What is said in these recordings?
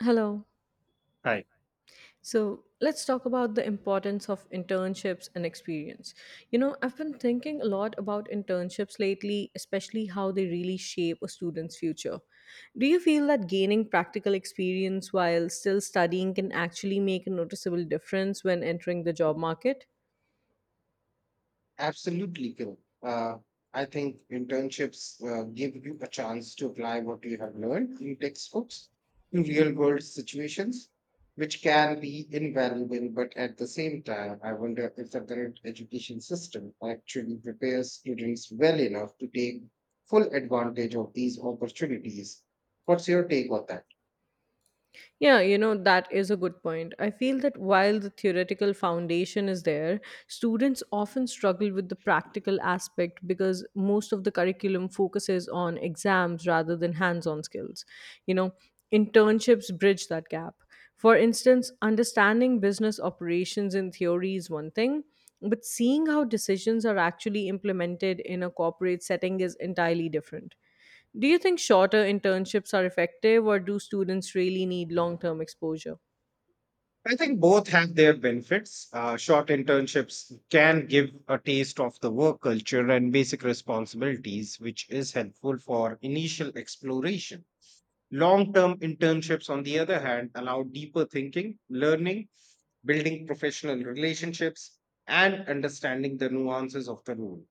Hello. Right. So let's talk about the importance of internships and experience. I've been thinking a lot about internships lately, especially how they really shape a student's future. Do you feel that gaining practical experience while still studying can actually make a noticeable difference when entering the job market? Absolutely, Kiran. Uh, I think internships give you a chance to apply what you have learned in textbooks to real world situations, which can be invaluable. But at the same time, I wonder if the current education system actually prepares students well enough to take full advantage of these opportunities. What's your take on that? Yeah, that is a good point. I feel that while the theoretical foundation is there, students often struggle with the practical aspect because most of the curriculum focuses on exams rather than hands on skills. You know, Internships bridge that gap. For instance, understanding business operations in theory is one thing, but seeing how decisions are actually implemented in a corporate setting is entirely different. Do you think shorter internships are effective, or do students really need long term exposure? I think both have their benefits. Short internships can give a taste of the work culture and basic responsibilities, which is helpful for initial exploration. Long term internships, on the other hand, allow deeper thinking, learning, building professional relationships, and understanding the nuances of the role.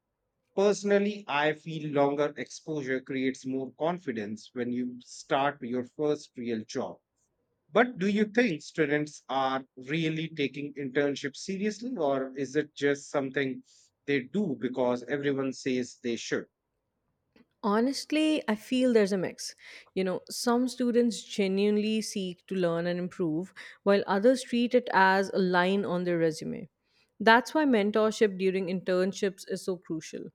Personally, I feel longer exposure creates more confidence when you start your first real job, but do you think students are really taking internships seriously, or is it just something they do because everyone says they should? Honestly, I feel there's a mix. Some students genuinely seek to learn and improve, while others treat it as a line on their resume. That's why mentorship during internships is so crucial.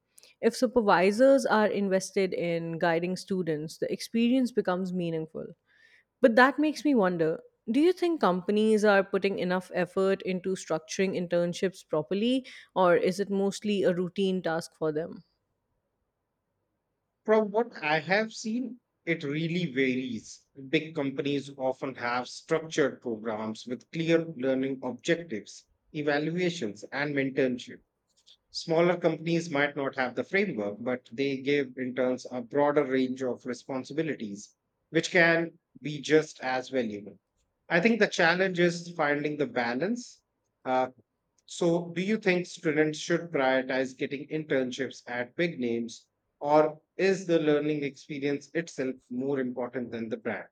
If supervisors are invested in guiding students, the experience becomes meaningful. But that makes me wonder, do you think companies are putting enough effort into structuring internships properly, or is it mostly a routine task for them? From what I have seen, it really varies. Big companies often have structured programs with clear learning objectives, evaluations, and mentorship. Smaller companies might not have the framework, but they give interns a broader range of responsibilities, which can be just as valuable. I think the challenge is finding the balance. Uh, so, do you think students should prioritize getting internships at big names, or is the learning experience itself more important than the brand?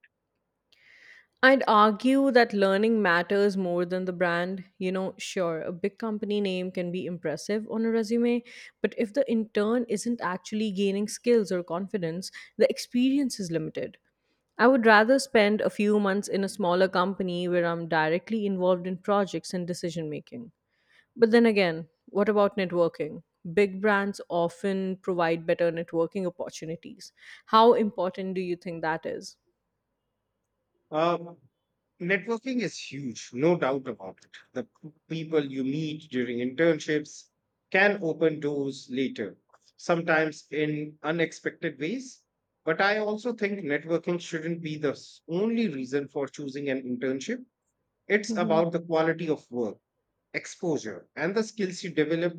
I'd argue that learning matters more than the brand. Sure, a big company name can be impressive on a resume, but if the intern isn't actually gaining skills or confidence, the experience is limited. I would rather spend a few months in a smaller company where I'm directly involved in projects and decision making. But then again, what about networking? Big brands often provide better networking opportunities. How important do you think that is? Uh, Networking is huge, no doubt about it. The people you meet during internships can open doors later, sometimes in unexpected ways. But I also think networking shouldn't be the only reason for choosing an internship. It's Mhm. about the quality of work, exposure, and the skills you develop.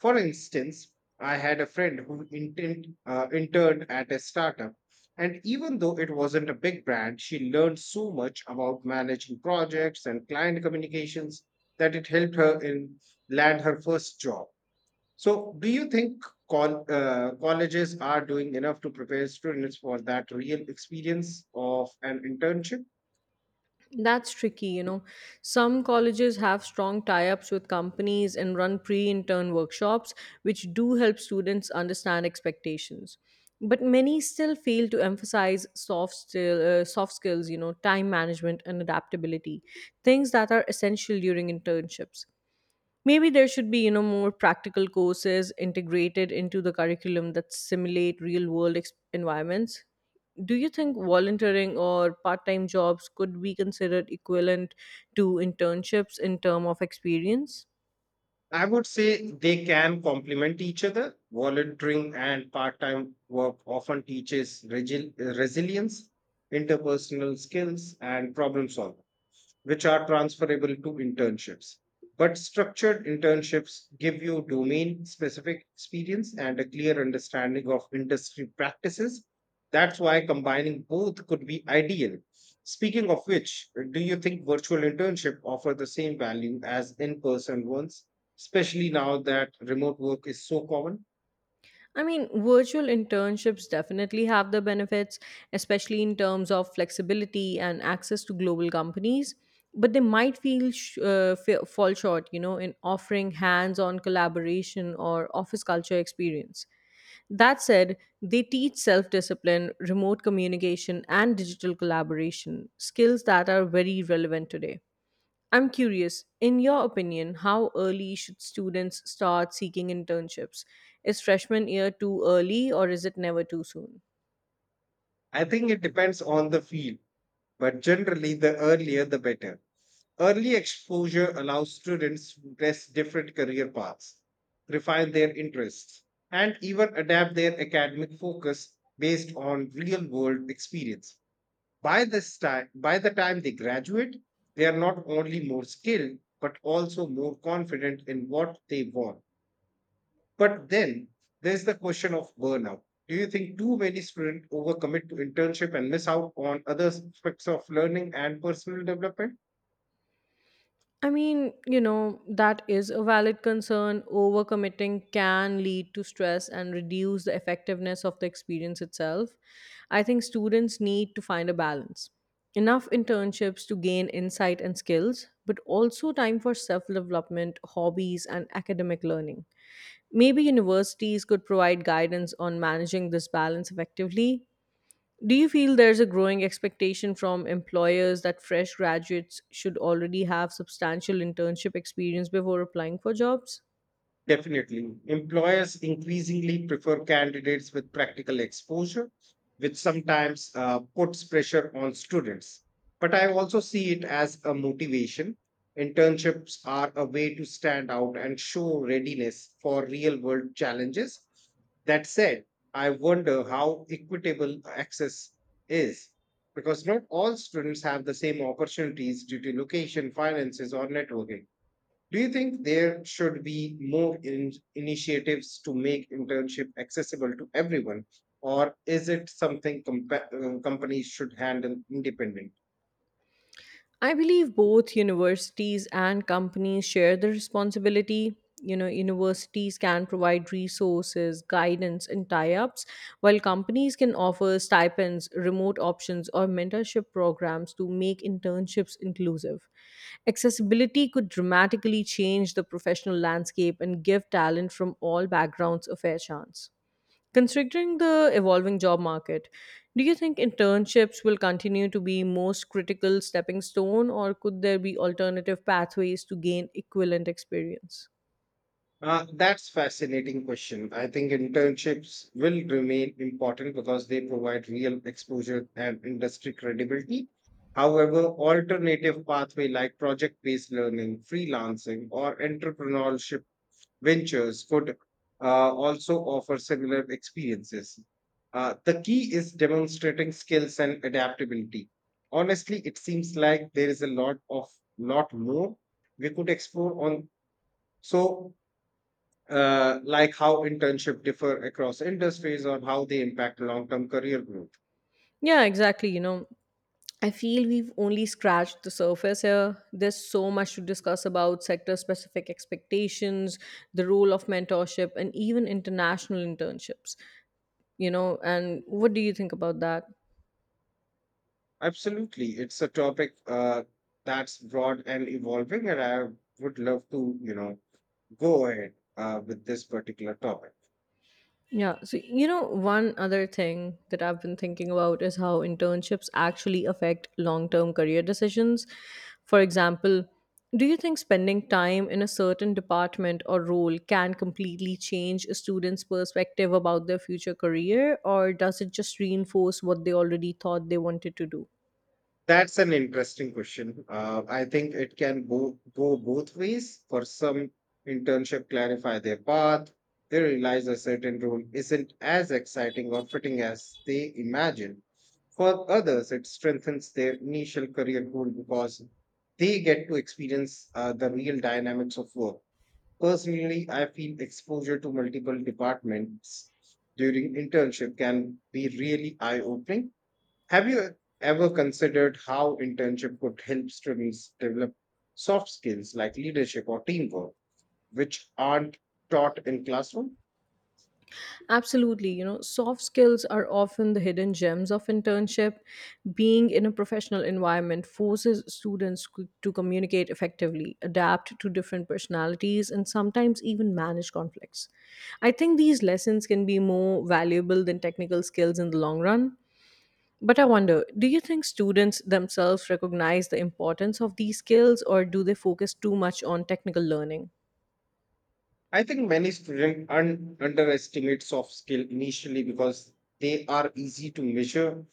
For instance, I had a friend who interned at a startup, and even though it wasn't a big brand, she learned so much about managing projects and client communications that it helped her in land her first job. So, do you think colleges are doing enough to prepare students for that real experience of an internship? That's tricky. Some colleges have strong tie ups with companies and run pre intern workshops, which do help students understand expectations. But many still fail to emphasize soft skills, time management and adaptability, things that are essential during internships. Maybe there should be, more practical courses integrated into the curriculum that simulate real world environments. Do you think volunteering or part-time jobs could be considered equivalent to internships in term of experience? I would say they can complement each other. Volunteering and part time work often teaches resilience, interpersonal skills, and problem solving, which are transferable to internships. But structured internships give you domain specific experience and a clear understanding of industry practices. That's why combining both could be ideal. Speaking of which, do you think virtual internship offer the same value as in-person ones, especially now that remote work is so common? I mean, virtual internships definitely have the benefits, especially in terms of flexibility and access to global companies. But they might feel fall short, in offering hands-on collaboration or office culture experience. That said, they teach self-discipline, remote communication, and digital collaboration, skills that are very relevant today. I'm curious, in your opinion, how early should students start seeking internships? Is freshman year too early or is it never too soon? I think it depends on the field, but generally the earlier the better. Early exposure allows students to test different career paths, refine their interests, and even adapt their academic focus based on real world experience. By the time they graduate, they are not only more skilled, but also more confident in what they want. But then there's the question of burnout. Do you think too many students overcommit to internship and miss out on other aspects of learning and personal development? I mean, that is a valid concern. Overcommitting can lead to stress and reduce the effectiveness of the experience itself. I think students need to find a balance. Enough internships to gain insight and skills, but also time for self development, hobbies, and academic learning. Maybe universities could provide guidance on managing this balance effectively. Do you feel there's a growing expectation from employers that fresh graduates should already have substantial internship experience before applying for jobs? Definitely. Employers increasingly prefer candidates with practical exposure, which sometimes puts pressure on students. But I also see it as a motivation. Internships are a way to stand out and show readiness for real world challenges. That said, I wonder how equitable access is, because not all students have the same opportunities due to location, finances, or networking. Do you think there should be more initiatives to make internship accessible to everyone, or is it something companies should handle independently? I believe both universities and companies share the responsibility. Universities can provide resources, guidance, and tie ups, while companies can offer stipends, remote options, or mentorship programs to make internships inclusive. Accessibility could dramatically change the professional landscape and give talent from all backgrounds a fair chance. Considering the evolving job market, do you think internships will continue to be most critical stepping stone or could there be alternative pathways to gain equivalent experience? That's fascinating question. I think internships will remain important because they provide real exposure and industry credibility. However, alternative pathway like project-based learning, freelancing, or entrepreneurship ventures could also offer similar experiences. The key is demonstrating skills and adaptability. Honestly, it seems like there is a lot of lot more we could explore on. So, like how internship differ across industries or how they impact long-term career growth. Yeah, exactly, I feel we've only scratched the surface here. There's so much to discuss about sector specific expectations, the role of mentorship, and even international internships. And what do you think about that? Absolutely, it's a topic that's broad and evolving, and I would love to, go ahead with this particular topic. Yeah. So, one other thing that I've been thinking about is how internships actually affect long term career decisions. For example, do you think spending time in a certain department or role can completely change a student's perspective about their future career, or does it just reinforce what they already thought they wanted to do? That's an interesting question. I think it can go both ways. For some, internship clarify their path. They realize a certain role isn't as exciting or fitting as they imagined. For others, it strengthens their initial career goal because they get to experience the real dynamics of work. Personally, I feel exposure to multiple departments during internship can be really eye opening. Have you ever considered how internship could help students develop soft skills like leadership or teamwork, which aren't taught in classroom? Absolutely. Soft skills are often the hidden gems of internship. Being in a professional environment forces students to communicate effectively, adapt to different personalities, and sometimes even manage conflicts. I think these lessons can be more valuable than technical skills in the long run. But I wonder, do you think students themselves recognize the importance of these skills or do they focus too much on technical learning? I think many students underestimate soft skill initially because they are easy to measure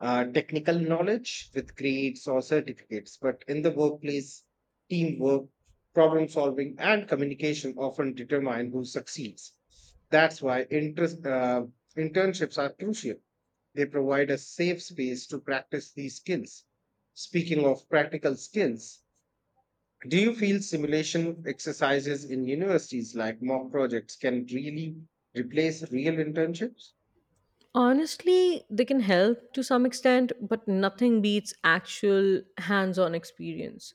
technical knowledge with grades or certificates, but in the workplace, teamwork, problem solving, and communication often determine who succeeds. That's why internships are crucial. They provide a safe space to practice these skills. Speaking of practical skills, do you feel simulation exercises in universities like mock projects can really replace real internships? Honestly, they can help to some extent, but nothing beats actual hands on experience.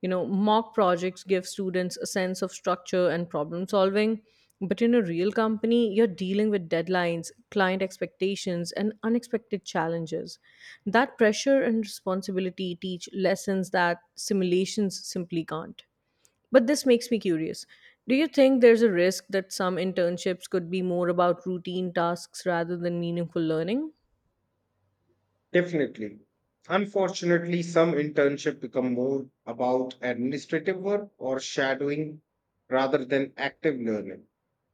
Mock projects give students a sense of structure and problem solving, but in a real company, you're dealing with deadlines, client expectations, and unexpected challenges. That pressure and responsibility teach lessons that simulations simply can't. But this makes me curious. Do you think there's a risk that some internships could be more about routine tasks rather than meaningful learning? Definitely. Unfortunately, some internships become more about administrative work or shadowing rather than active learning.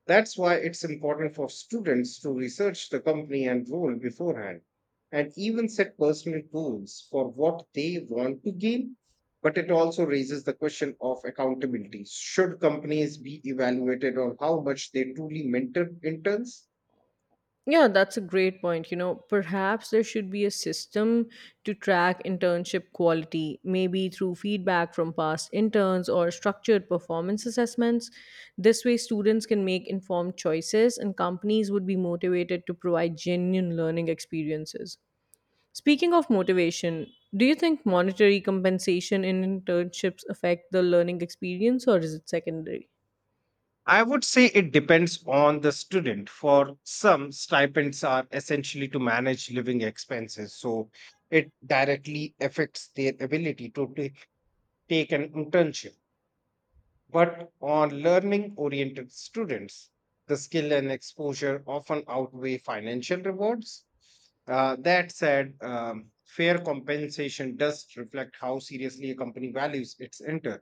That's why it's important for students to research the company and role beforehand and even set personal goals for what they want to gain. But it also raises the question of accountability. Should companies be evaluated on how much they truly mentor interns? Yeah, that's a great point. Perhaps there should be a system to track internship quality, maybe through feedback from past interns or structured performance assessments. This way, students can make informed choices and companies would be motivated to provide genuine learning experiences. Speaking of motivation, do you think monetary compensation in internships affect the learning experience or is it secondary? I would say it depends on the student. For some, stipends are essentially to manage living expenses, so it directly affects their ability to take an internship. But on learning oriented students, the skill and exposure often outweigh financial rewards. That said, fair compensation does reflect how seriously a company values its intern.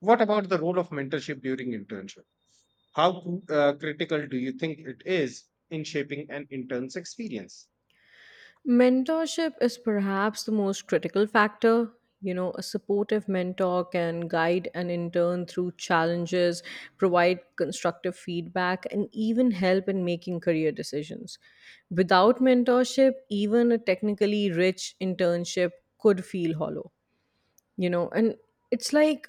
What about the role of mentorship during internship? How critical do you think it is in shaping an intern's experience? Mentorship is perhaps the most critical factor. A supportive mentor can guide an intern through challenges, provide constructive feedback, and even help in making career decisions. Without mentorship, even a technically rich internship could feel hollow. And it's like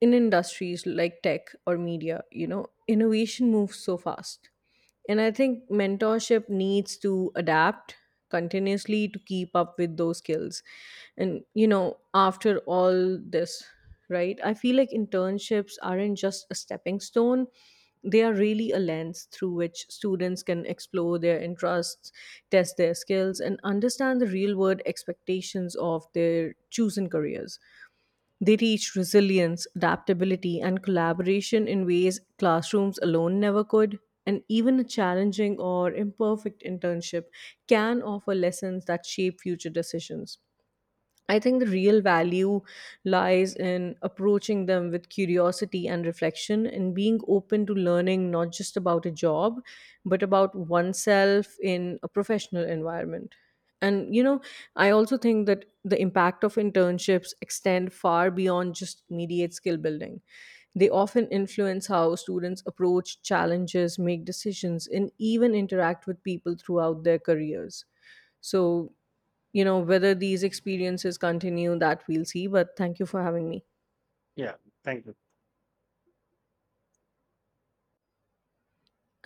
in industries like tech or media, innovation moves so fast, and I think mentorship needs to adapt continuously to keep up with those skills. And after all this, right, I feel like internships aren't just a stepping stone. They are really a lens through which students can explore their interests, test their skills and understand the real world expectations of their chosen careers. They teach resilience, adaptability, and collaboration in ways classrooms alone never could. And even a challenging or imperfect internship can offer lessons that shape future decisions. I think the real value lies in approaching them with curiosity and reflection and being open to learning not just about a job, but about oneself in a professional environment. And, I also think that the impact of internships extend far beyond just immediate skill building. They often influence how students approach challenges, make decisions, and even interact with people throughout their careers. So, whether these experiences continue, that we'll see. But thank you for having me. Yeah, thank you.